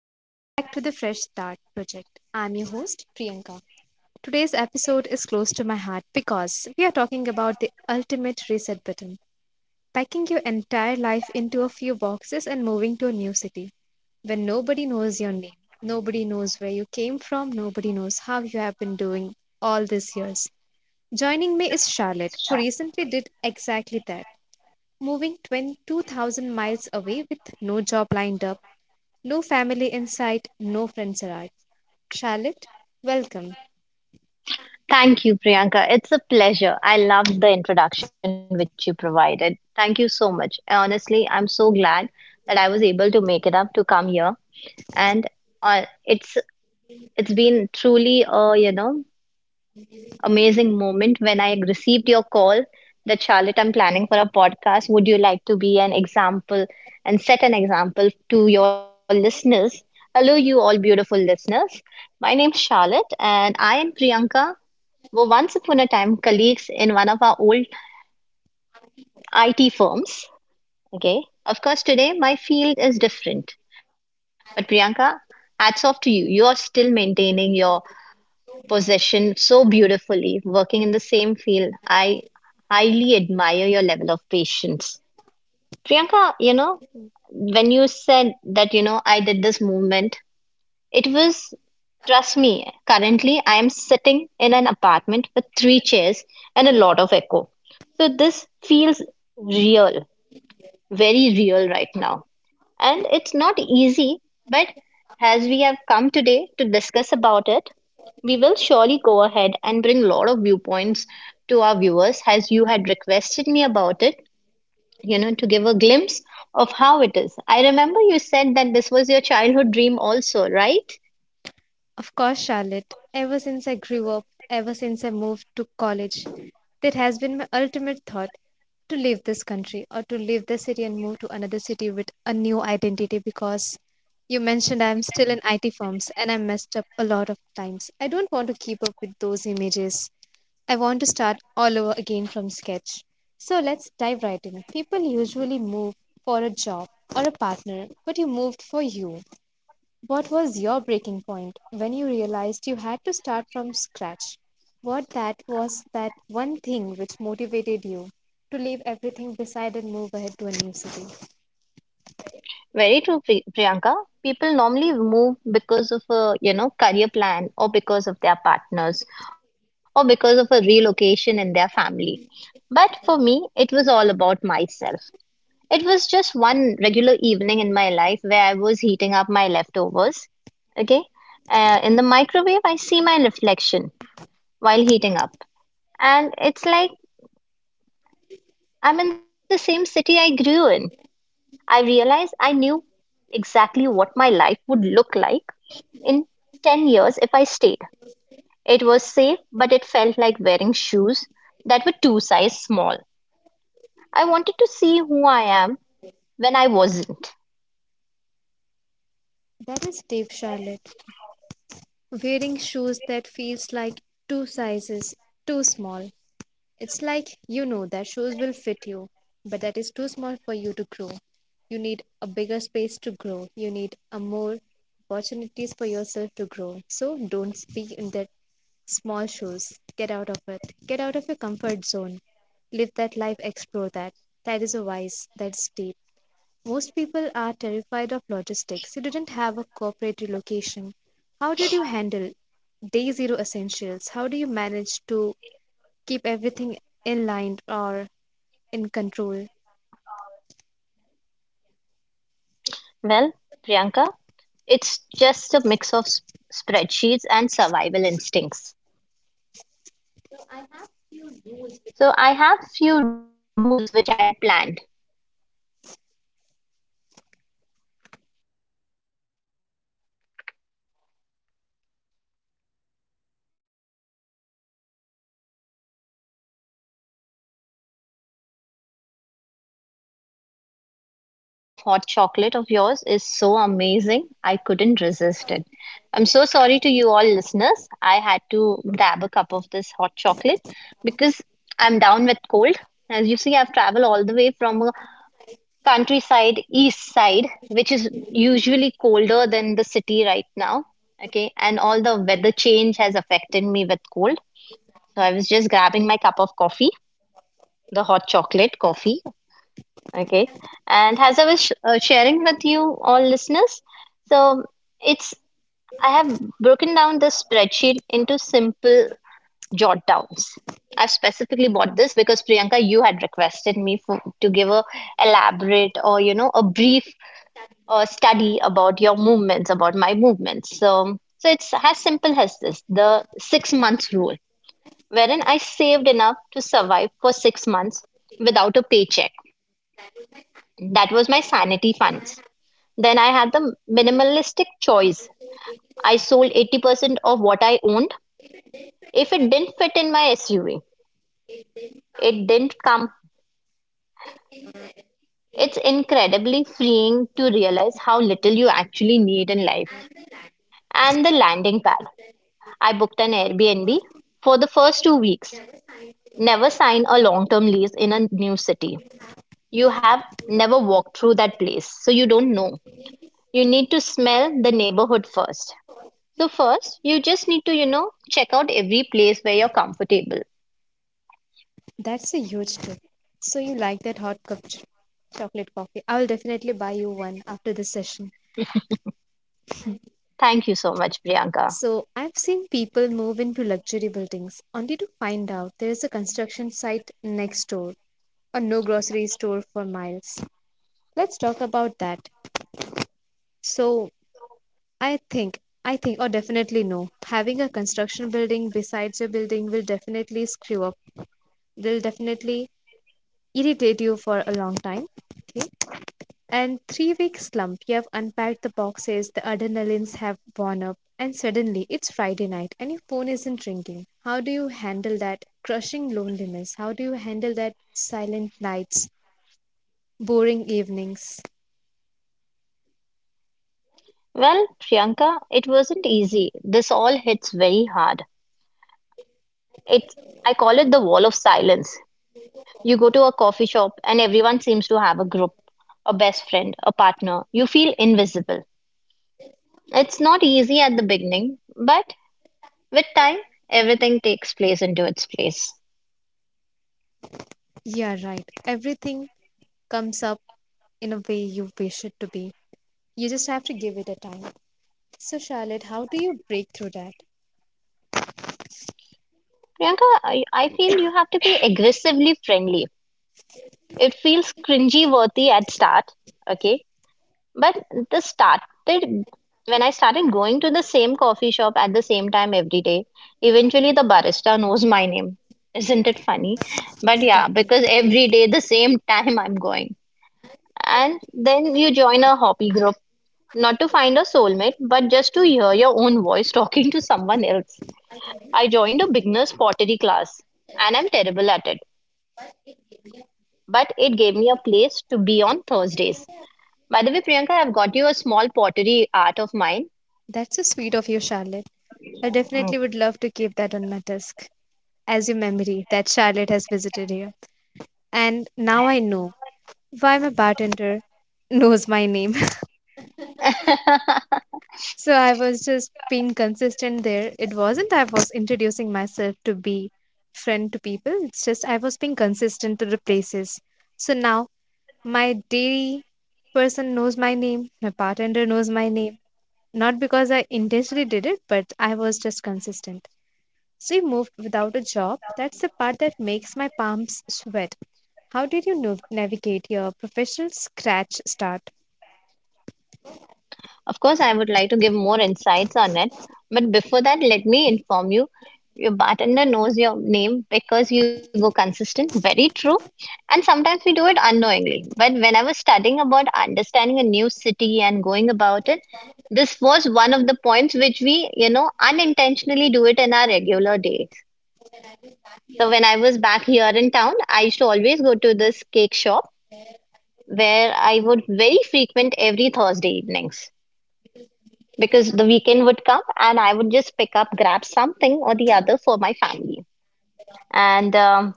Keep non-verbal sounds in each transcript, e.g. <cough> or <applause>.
Welcome back to the Fresh Start Project. I'm your host, Priyanka. Today's episode is close to my heart because we are talking about the ultimate reset button, packing your entire life into a few boxes and moving to a new city when nobody knows your name, nobody knows where you came from, nobody knows how you have been doing all these years. Joining me is Charlotte, who recently did exactly that, moving 22,000 miles away with no job lined up, no family in sight, no friends around. Charlotte, welcome. Thank you, Priyanka. It's a pleasure. I loved the introduction which you provided. Thank you so much. Honestly, I'm so glad that I was able to make it up to come here, and uh, it's it's been truly a amazing moment when I received your call that Charlotte, I'm planning for a podcast. Would you like to be an example and set an example to your listeners? Hello, you all beautiful listeners. My name's Charlotte, and I and Priyanka were once upon a time colleagues in one of our old IT firms. Okay. Of course, today my field is different. But Priyanka, hats off to you. You are still maintaining your position so beautifully, working in the same field. I highly admire your level of patience. Priyanka, when you said that, I did this movement, it was trust me, currently I am sitting in an apartment with three chairs and a lot of echo. So this feels real, very real right now. And it's not easy, but as we have come today to discuss about it, we will surely go ahead and bring a lot of viewpoints to our viewers as you had requested me about it, to give a glimpse of how it is. I remember you said that this was your childhood dream also, right? Of course, Charlotte, ever since I grew up, ever since I moved to college, that has been my ultimate thought to leave this country or to leave this city and move to another city with a new identity because you mentioned I'm still in IT firms and I messed up a lot of times. I don't want to keep up with those images. I want to start all over again from sketch. So let's dive right in. People usually move for a job or a partner, but you moved for you. What was your breaking point when you realized you had to start from scratch? What that was that one thing which motivated you to leave everything beside and move ahead to a new city? Very true, Priyanka. People normally move because of a, career plan or because of their partners or because of a relocation in their family. But for me, it was all about myself. It was just one regular evening in my life where I was heating up my leftovers, okay? In the microwave, I see my reflection while heating up. And it's like I'm in the same city I grew in. I realize I knew exactly what my life would look like in 10 years if I stayed. It was safe, but it felt like wearing shoes that were two sizes small. I wanted to see who I am when I wasn't. That is Dave Charlotte, wearing shoes that feels like two sizes too small. It's like you know that shoes will fit you, but that is too small for you to grow. You need a bigger space to grow. You need a more opportunities for yourself to grow. So don't be in that small shoes. Get out of it. Get out of your comfort zone. Live that life, explore that. That is a wise, that's deep. Most people are terrified of logistics. You didn't have a corporate relocation. How did you handle day zero essentials? How do you manage to keep everything in line or in control? Well, Priyanka, it's just a mix of spreadsheets and survival instincts. So I have few rules which I had planned. I'm so sorry, Priyanka, but this cup of hot chocolate of yours is so amazing. I couldn't resist it. I'm so sorry to you all listeners. I had to grab a cup of this hot chocolate because I'm down with cold. As you see, I've traveled all the way from a countryside, east side, which is usually colder than the city right now. Okay, and all the weather change has affected me with cold. So I was just grabbing my cup of coffee, the hot chocolate coffee. Okay. And as I was sharing with you all listeners, so it's I have broken down the spreadsheet into simple jot downs. I've specifically bought this because Priyanka, you had requested me to give a elaborate or a brief study about your movements, about my movements. So it's as simple as this: the 6 months rule, wherein I saved enough to survive for 6 months without a paycheck. That was my sanity fund. Then I had the minimalistic choice. I sold 80% of what I owned. If it didn't fit in my SUV, it didn't come. It's incredibly freeing to realize how little you actually need in life. And the landing pad. I booked an Airbnb for the first 2 weeks. Never sign a long term lease in a new city. You have never walked through that place, so you don't know. You need to smell the neighborhood first. So first, you just need to check out every place where you're comfortable. That's a huge tip. So you like that hot cup chocolate coffee? I will definitely buy you one after this session. Thank you so much, Priyanka. So I've seen people move into luxury buildings only to find out there is a construction site next door or no grocery store for miles. Let's talk about that. So I think I think or definitely no. Having a construction building besides your building will definitely screw up. They'll definitely irritate you for a long time. Okay. And 3-week slump. You have unpacked the boxes, the adrenalines have worn up, and suddenly it's Friday night and your phone isn't ringing. How do you handle that crushing loneliness? How do you handle that silent nights, boring evenings? Well, Priyanka, it wasn't easy. This all hits very hard. It's I call it the wall of silence. You go to a coffee shop and everyone seems to have a group, a best friend, a partner. You feel invisible. It's not easy at the beginning, but with time, everything takes place into its place. Yeah, right. Everything comes up in a way you wish it to be. You just have to give it a time. So, Charlotte, how do you break through that? Priyanka, I feel you have to be aggressively friendly. It feels cringy worthy at start, okay? But the started when I started going to the same coffee shop at the same time every day, eventually the barista knows my name. Isn't it funny? But yeah, because Definitely. every day the same <laughs> time I'm going. And then you join a hobby group, not to find a soulmate, but just to hear your own voice talking to someone else. I joined a beginner's pottery class and I'm terrible at it, but it gave me a place to be on Thursdays. By the way, Priyanka, I've got you a small pottery art of mine. That's so sweet of you, Charlotte. I Mm. definitely would love to keep that on my desk as your memory that Charlotte has visited here. And now I know why my bartender <laughs> knows my name. <laughs> <laughs> So I was just being consistent there. It wasn't I was introducing myself to be friend to people, it's just I was being consistent to the places. So now my dairy person knows my name, my bartender knows my name. Not because I intentionally did it, but I was just consistent. So he moved without a job. That's the part that makes my palms sweat. How did you navigate your professional scratch start? Of course, I would like to give more insights on it. But before that, let me inform you, your bartender knows your name because you go consistent. Very true. And sometimes we do it unknowingly. But when I was studying about understanding a new city and going about it, this was one of the points which we unintentionally do it in our regular days. So when I was back here in town, I used to always go to this cake shop where I would very frequent every Thursday evenings because the weekend would come and I would just pick up, grab something or the other for my family. And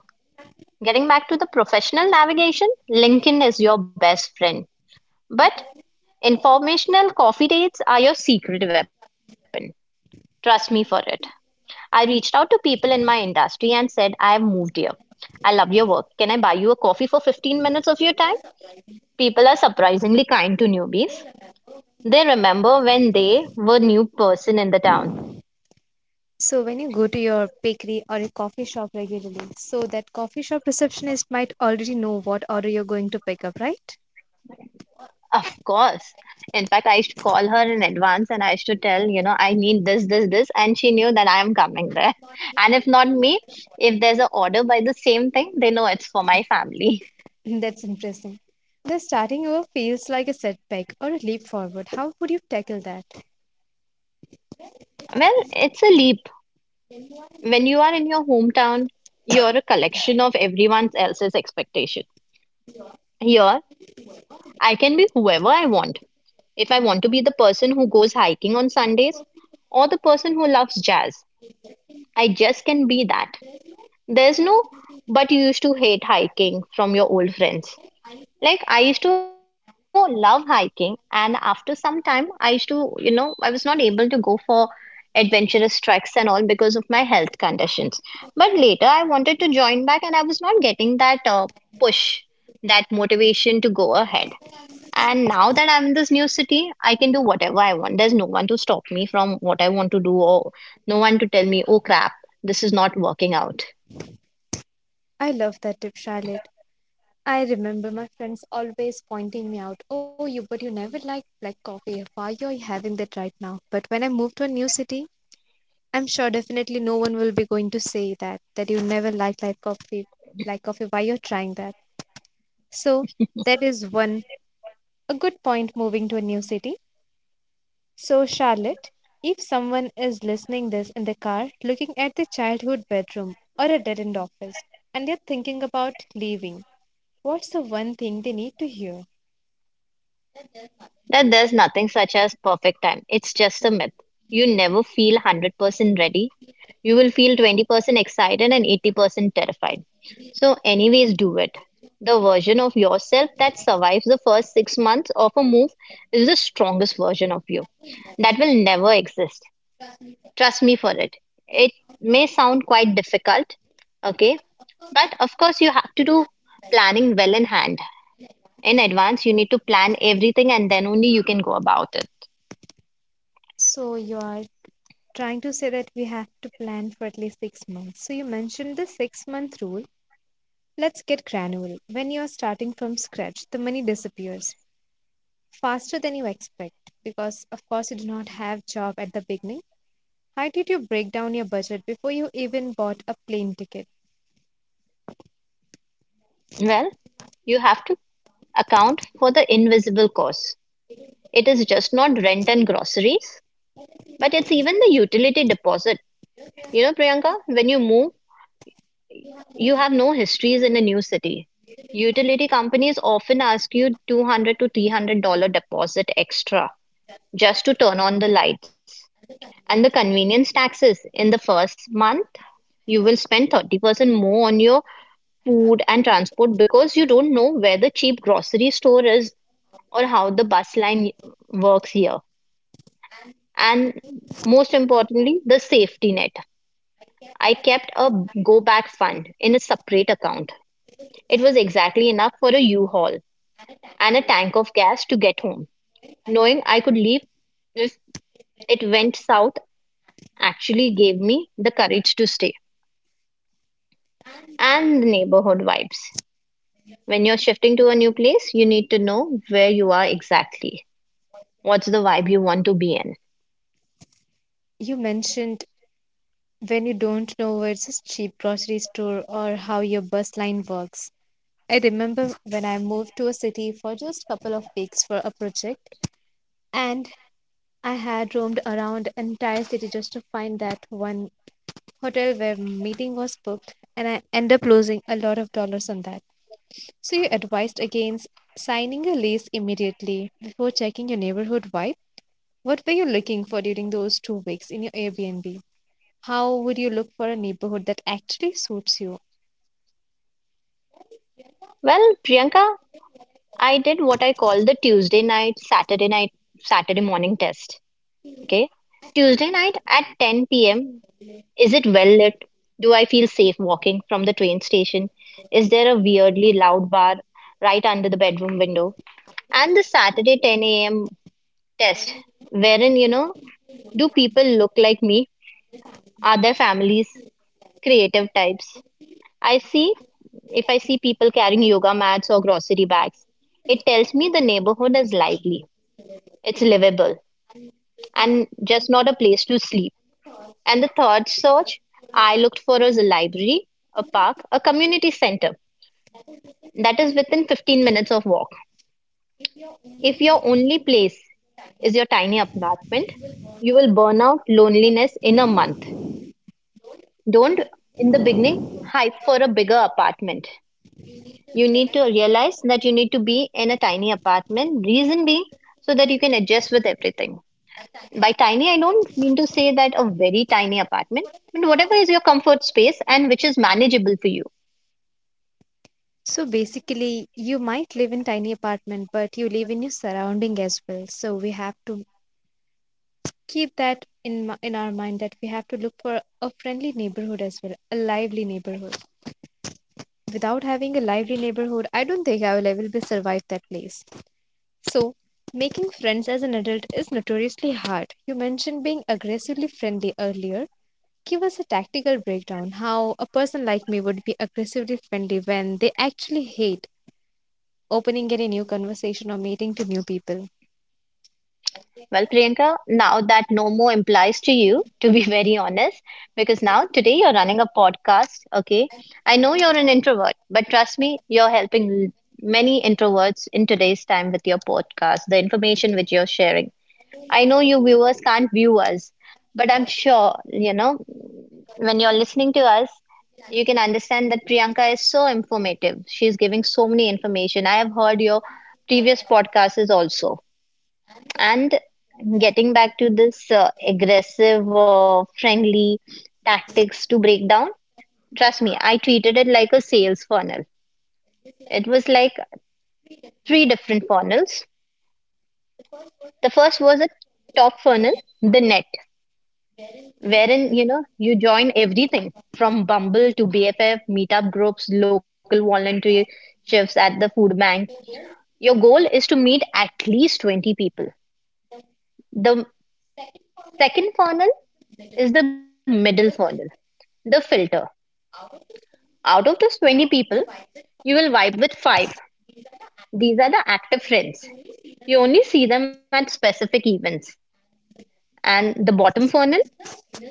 getting back to the professional navigation, LinkedIn is your best friend. But informational coffee dates are your secret weapon. Trust me for it. I reached out to people in my industry and said, I have moved here. I love your work. Can I buy you a coffee for 15 minutes of your time? People are surprisingly kind to newbies. They remember when they were new person in the town. So, when you go to your bakery or a coffee shop regularly, so that coffee shop receptionist might already know what order you're going to pick up, right? Of course. In fact, I used to call her in advance and I used to tell, I need this, this, this, and she knew that I am coming there. <laughs> And if not me, if there's an order by the same thing, they know it's for my family. <laughs> That's interesting. The starting over feels like a setback or a leap forward. How would you tackle that? Well, it's a leap. When you are in your hometown, you're a collection of everyone else's expectation. Here, I can be whoever I want. If I want to be the person who goes hiking on Sundays, or the person who loves jazz, I just can be that. There's no, but you used to hate hiking from your old friends. Like I used to love hiking, and after some time, I used to, you know, I was not able to go for adventurous treks and all because of my health conditions. But later, I wanted to join back, and I was not getting that push, that motivation to go ahead. And now that I'm in this new city, I can do whatever I want. There's no one to stop me from what I want to do, or no one to tell me, oh crap, this is not working out. I love that tip, Charlotte. I remember my friends always pointing me out, oh, you, but you never liked black coffee. Why are you having that right now? But when I moved to a new city, I'm sure definitely no one will be going to say that you never like coffee like coffee, why you're trying that. So that is one a good point moving to a new city. So, Charlotte, if someone is listening this in the car looking at the childhood bedroom or a dead-end office and they're thinking about leaving, what's the one thing they need to hear? That there's nothing such as perfect time. It's just a myth. You never feel 100% ready. You will feel 20% excited and 80% terrified. So, anyways, do it. The version of yourself that survives the first 6 months of a move is the strongest version of you. That will never exist. Trust me for it. It may sound quite difficult, okay? But of course, you have to do planning well in hand. In advance, you need to plan everything and then only you can go about it. So you are trying to say that we have to plan for at least 6 months. So you mentioned the 6-month rule. Let's get granular. When you are starting from scratch, the money disappears faster than you expect because, of course, you do not have job at the beginning. How did you break down your budget before you even bought a plane ticket? Well, you have to account for the invisible costs. It is just not rent and groceries, but it's even the utility deposit. You know, Priyanka, when you move, you have no histories in a new city. Utility companies often ask you $200 to $300 deposit extra just to turn on the lights. And the convenience taxes in the first month, you will spend 30% more on your food and transport because you don't know where the cheap grocery store is or how the bus line works here. And most importantly, the safety net. I kept a go back fund in a separate account. It was exactly enough for a U haul and a tank of gas to get home. Knowing I could leave if it went south actually gave me the courage to stay. And the neighborhood vibes. When you're shifting to a new place, you need to know where you are exactly. What's the vibe you want to be in? You mentioned when you don't know where's a cheap grocery store or how your bus line works. I remember when I moved to a city for just couple of weeks for a project, and I had roamed around entire city just to find that one hotel where meeting was booked and I end up losing a lot of dollars on that. So you advised against signing a lease immediately before checking your neighborhood vibe? What were you looking for during those 2 weeks in your Airbnb? How would you look for a neighborhood that actually suits you? Well, Priyanka, I did what I call the Tuesday night, Saturday morning test. Okay. Tuesday night at 10 p.m. Is it well lit? Do I feel safe walking from the train station? Is there a weirdly loud bar right under the bedroom window? And the Saturday 10 a.m. test, wherein, do people look like me, other families, creative types. I see if i see people carrying yoga mats or grocery bags, it tells me the neighborhood is lively, it's livable, and just not a place to sleep. And the third search I looked for was a library, a park, a community center that is within 15 minutes of walk. If your only place is your tiny apartment, you will burn out loneliness in a month. Don't, in the beginning, hype for a bigger apartment. You need to realize that you need to be in a tiny apartment, reason being so that you can adjust with everything. By tiny, I don't mean to say that a very tiny apartment, but whatever is your comfort space and which is manageable for you. So basically, you might live in tiny apartment, but you live in your surrounding as well. So we have to keep that in in our mind that we have to look for a friendly neighborhood as well, a lively neighborhood. Without having a lively neighborhood, I don't think I will ever be survive that place. So, making friends as an adult is notoriously hard. You mentioned being aggressively friendly earlier. Give us a tactical breakdown how a person like me would be aggressively friendly when they actually hate opening any new conversation or meeting to new people. Well, Priyanka, now that no more implies to you to be <laughs> very honest, because now today you're running a podcast. Okay, I know you're an introvert, but trust me, you're helping many introverts in today's time with your podcast, the information which you're sharing. I know you viewers can't view us, but I'm sure, when you're listening to us, you can understand that Priyanka is so informative. She's giving so many information. I have heard your previous podcasts also. And getting back to this aggressive or friendly tactics to break down, trust me, I treated it like a sales funnel. It was like three different funnels. The first was a top funnel, the net, wherein you join everything from Bumble to BFF, meetup groups, local volunteer shifts at the food bank. Your goal is to meet at least 20 people. The second funnel is the middle funnel, the filter. Out of those 20 people, you will vibe with five. These are the active friends. You only see them at specific events. And the bottom funnel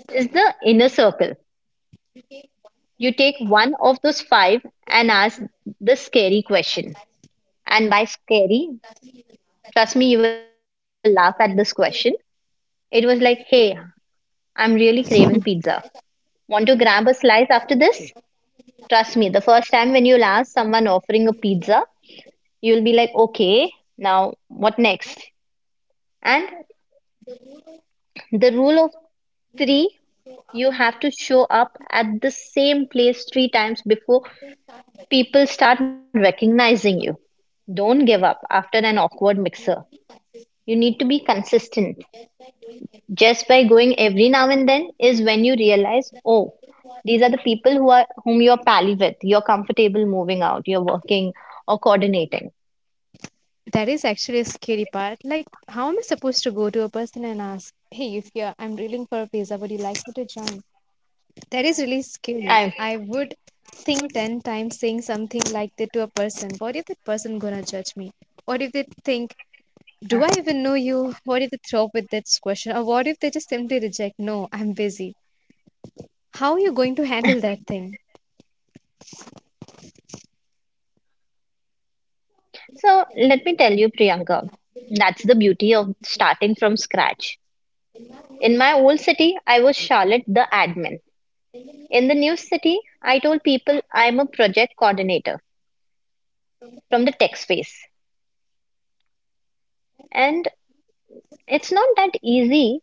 is the inner circle. You take one of those five and ask the scary question. And by scary, trust me, you will laugh at this question. It was like, "Hey, I'm really craving pizza. Want to grab a slice after this?" Trust me, the first time when you'll ask someone offering a pizza, you'll be like, okay, now what next? And the rule of three, you have to show up at the same place three times before people start recognizing you. Don't give up after an awkward mixer. You need to be consistent. Just by going every now and then is when you realize, oh, these are the people who are, whom you're pally with, you're comfortable moving out, you're working or coordinating. That is actually a scary part. Like, how am I supposed to go to a person and ask, "Hey, if you're I'm drilling for a pizza, would you like me to join?" That is really scary. I I would think 10 times saying something like that to a person. What if that person gonna judge me? What if they think, do I even know you? What if they throw up with that question? Or what if they just simply reject, no, I'm busy? How are you going to handle that thing? So let me tell you, Priyanka, that's the beauty of starting from scratch. In my old city, I was Charlotte the admin. In the new city, I told people I'm a project coordinator from the tech space. And it's not that easy,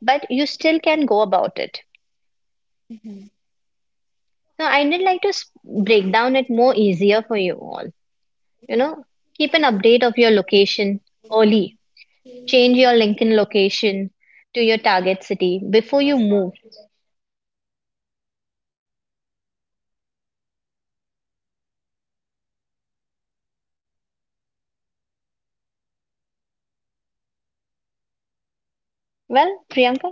but you still can go about it. Mhm. So I did like to break down it more easier for you all. You know, keep an update of your location early. Change your LinkedIn location to your target city before you move. Well, Priyanka,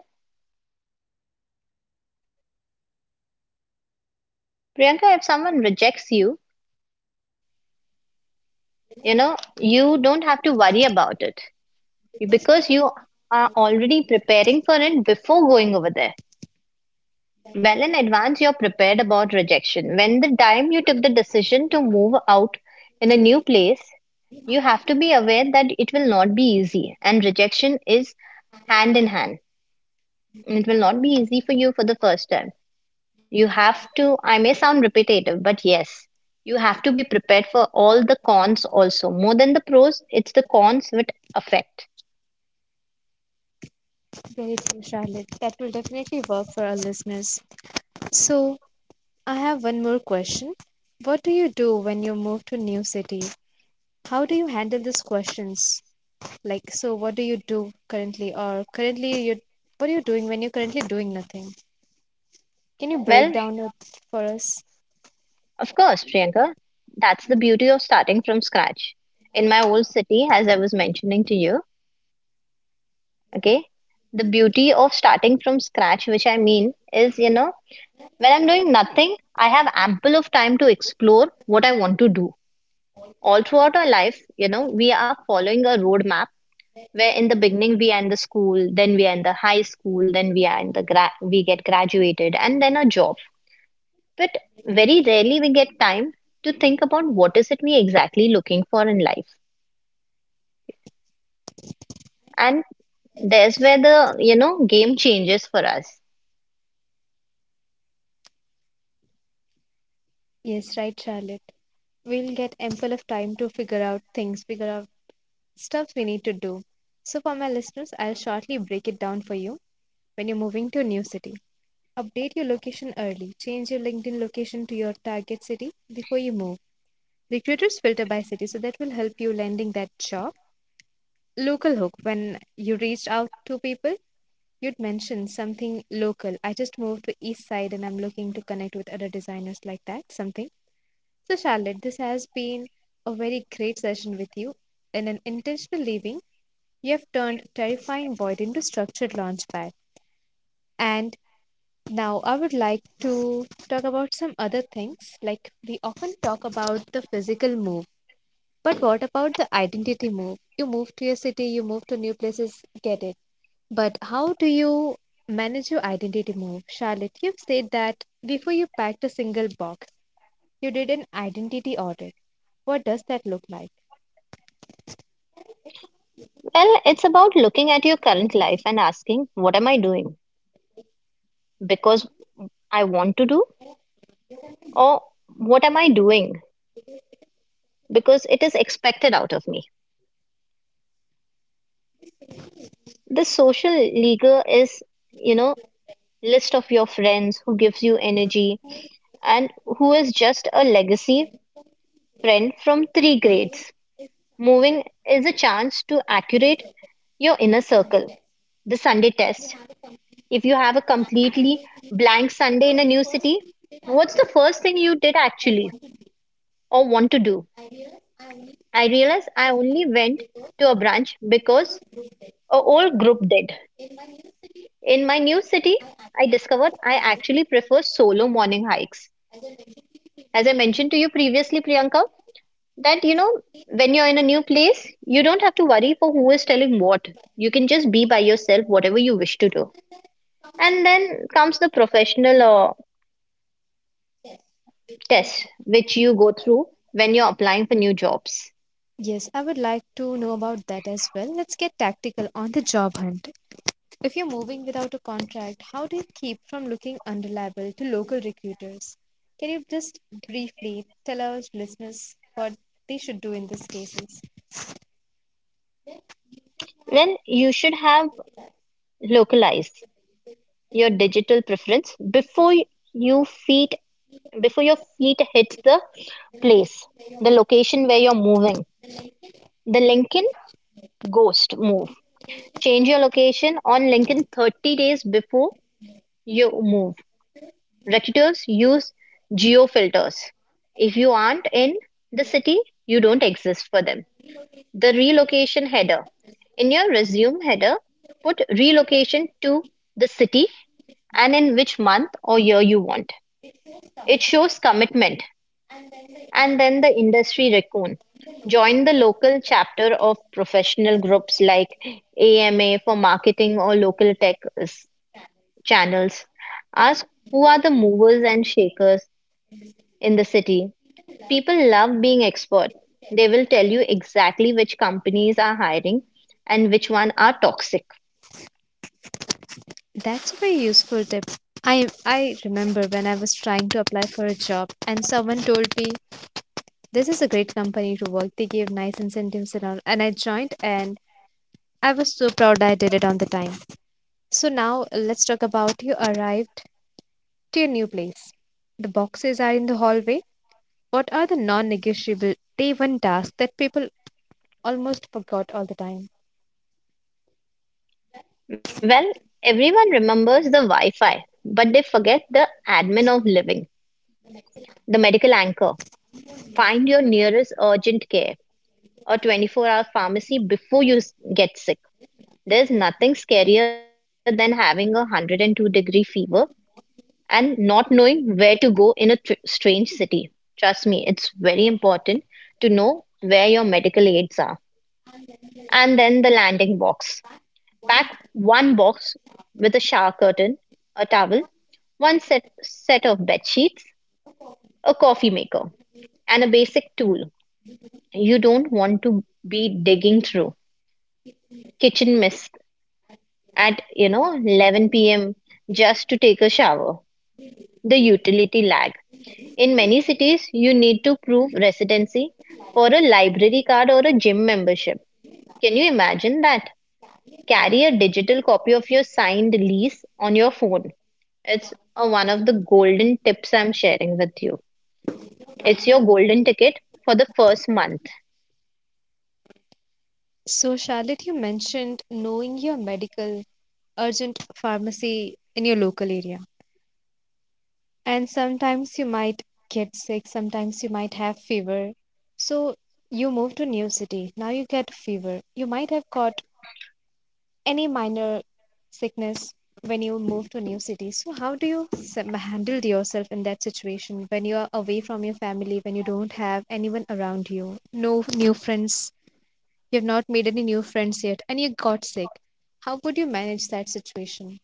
Priyanka, if someone rejects you, you know, you don't have to worry about it, because you are already preparing for it before going over there. Well, in advance, you're prepared about rejection. When the time you took the decision to move out in a new place, you have to be aware that it will not be easy, and rejection is hand in hand. It will not be easy for you for the first time. You have to, I may sound repetitive, but yes, you have to be prepared for all the cons also. More than the pros, it's the cons which affect. Very true, Charlotte. That will definitely work for our listeners. So, I have one more question. What do you do when you move to new city? How do you handle these questions? Like, so what do you do currently, or currently you, what are you doing when you're currently doing nothing? Can you break Well, down it for us? of course, Priyanka, that's the beauty of starting from scratch. In my old city, as I was mentioning to you, okay, the beauty of starting from scratch, which I mean, is, when I'm doing nothing, I have ample of time to explore what I want to do. All throughout our life, we are following a roadmap where in the beginning we are in the school, then we are in the high school, then we are in the we get graduated and then a job. But very rarely we get time to think about what is it we exactly looking for in life. And there's where the, game changes for us. Yes, right, Charlotte. We'll get ample of time to figure out things, figure out stuff we need to do. So for my listeners, I'll shortly break it down for you when you're moving to a new city. Update your location early. Change your LinkedIn location to your target city before you move. Recruiters filter by city, so that will help you landing that job. Local hook. When you reached out to people, you'd mention something local. I just moved to East Side and I'm looking to connect with other designers like that, something. So, Charlotte, this has been a very great session with you. In an intentional living, you have turned terrifying void into structured launchpad. And now I would like to talk about some other things. Like we often talk about the physical move, but what about the identity move? You move to your city, you move to new places, get it. But how do you manage your identity move? Charlotte, you've said that before you packed a single box, you did an identity audit. What does that look like? Well, it's about looking at your current life and asking, what am I doing because I want to do, or what am I doing because it is expected out of me? The social leaguer is, you know, list of your friends who gives you energy and who is just a legacy friend from three grades. Moving is a chance to accurate your inner circle. The Sunday test. If you have a completely blank Sunday in a new city, what's the first thing you did actually or want to do? I realized I only went to a branch because a old group did. In my new city, I discovered I actually prefer solo morning hikes. As I mentioned to you previously, Priyanka, that when you're in a new place, you don't have to worry for who is telling what. You can just be by yourself, whatever you wish to do. And then comes the professional test, which you go through when you're applying for new jobs. Yes, I would like to know about that as well. Let's get tactical on the job hunt. If you're moving without a contract, how do you keep from looking unreliable to local recruiters? Can you just briefly tell our listeners what they should do in these cases? Then you should have localized your digital preference before you feet before your feet hits the place, the location where you're moving. The Lincoln Ghost Move. Change your location on Lincoln 30 days before you move. Recruiters use geo filters. If you aren't in the city, you don't exist for them. The relocation header. In your resume header, put relocation to the city and in which month or year you want. It shows commitment. And then the industry raccoon. Join the local chapter of professional groups like AMA for marketing or local tech channels. Ask who are the movers and shakers in the city. People love being expert. They will tell you exactly which companies are hiring and which one are toxic. That's a very useful tip. I remember when I was trying to apply for a job and someone told me this is a great company to work. They gave nice incentives and all and I joined and I was so proud I did it on the time. So now let's talk about you arrived to your new place. The boxes are in the hallway. What are the non-negotiable day one tasks that people almost forgot all the time? Well, everyone remembers the Wi-Fi, but they forget the admin of living, the medical anchor. Find your nearest urgent care or 24-hour pharmacy before you get sick. There's nothing scarier than having a 102 degree fever and not knowing where to go in a strange city. Trust me, it's very important to know where your medical aids are. And then the landing box. Pack one box with a shower curtain, a towel, set of bed sheets, a coffee maker, and a basic tool. You don't want to be digging through kitchen mist at 11 p.m. just to take a shower. The utility lag. In many cities, you need to prove residency for a library card or a gym membership. Can you imagine that? Carry a digital copy of your signed lease on your phone. It's one of the golden tips I'm sharing with you. It's your golden ticket for the first month. So Charlotte, you mentioned knowing your medical urgent pharmacy in your local area. And sometimes you might get sick. Sometimes you might have fever. So you move to new city. Now you get fever. You might have caught any minor sickness when you move to a new city. So how do you handle yourself in that situation when you are away from your family, when you don't have anyone around you, no new friends, you have not made any new friends yet and you got sick? How would you manage that situation?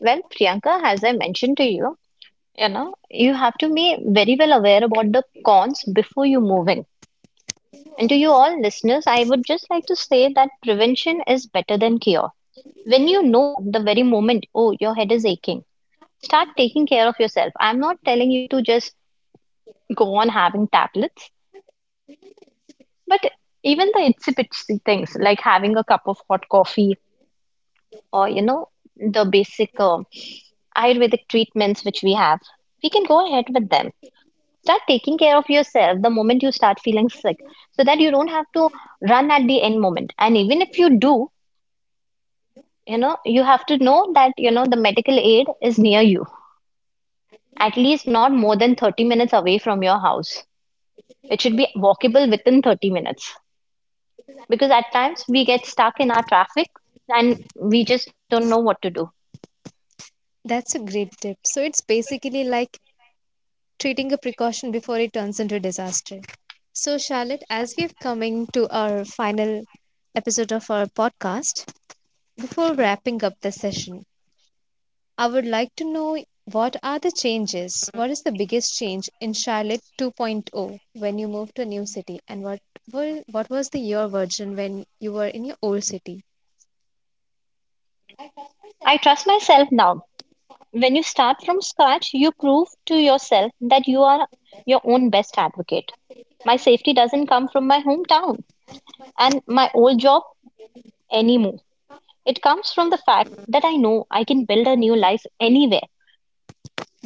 Well, Priyanka, as I mentioned to you, you have to be very well aware about the cons before you move in. And to you all listeners, I would just like to say that prevention is better than cure. When you know the very moment, oh, your head is aching, start taking care of yourself. I'm not telling you to just go on having tablets, but even the itsy bitsy things like having a cup of hot coffee or, the basic Ayurvedic treatments which we have, we can go ahead with them. Start taking care of yourself the moment you start feeling sick so that you don't have to run at the end moment. And even if you do, you have to know that, the medical aid is near you at least not more than 30 minutes away from your house. It should be walkable within 30 minutes because at times we get stuck in our traffic and we just don't know what to do. That's a great tip. So it's basically like treating a precaution before it turns into a disaster. So, Charlotte, as we are coming to our final episode of our podcast, before wrapping up the session, I would like to know what are the changes? What is the biggest change in Charlotte 2.0 when you moved to a new city, and what were, what was the your version when you were in your old city? I trust myself now. When you start from scratch, you prove to yourself that you are your own best advocate. My safety doesn't come from my hometown and my old job anymore. It comes from the fact that I know I can build a new life anywhere.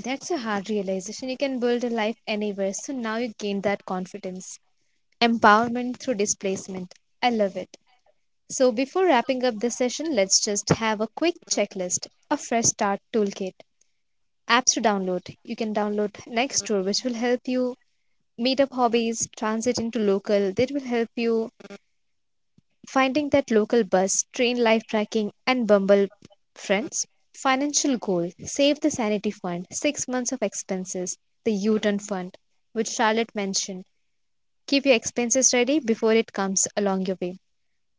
That's a hard realization. You can build a life anywhere, so now you gained that confidence, empowerment through displacement. I love it. So, before wrapping up this session, let's just have a quick checklist a fresh start toolkit, apps to download. You can download Nextdoor, which will help you meet up hobbies, transit into local, that will help you finding that local bus, train life tracking, and Bumble friends. Financial goal save the sanity fund, 6 months of expenses, the U turn fund, which Charlotte mentioned. Keep your expenses ready before it comes along your way.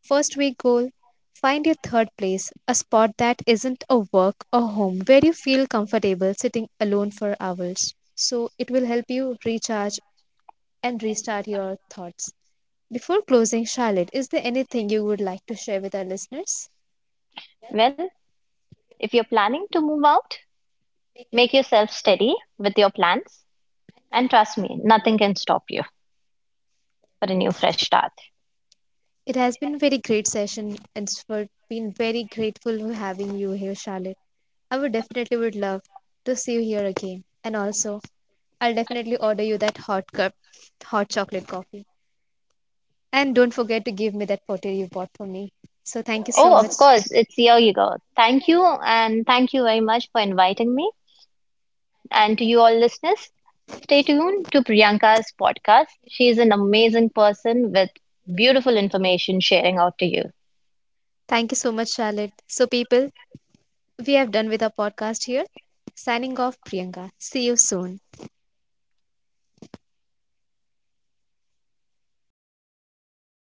First week goal find your third place, a spot that isn't a work or home where you feel comfortable sitting alone for hours. So it will help you recharge and restart your thoughts. Before closing, Charlotte, is there anything you would like to share with our listeners? Well, if you're planning to move out, make yourself steady with your plans. And trust me, nothing can stop you for a new fresh start. It has been very great session and it's for been very grateful for having you here, Charlotte. I would definitely would love to see you here again. And also, I'll definitely order you that hot cup, hot chocolate coffee. And don't forget to give me that potato you bought for me. So thank you so Oh, of much. course, it's here you go. Thank you, and thank you very much for inviting me. And to you all listeners, stay tuned to Priyanka's podcast. She is an amazing person with beautiful information sharing out to you. Thank you so much, Charlotte. So, people, we have done with our podcast here. Signing off, Priyanka. See you soon.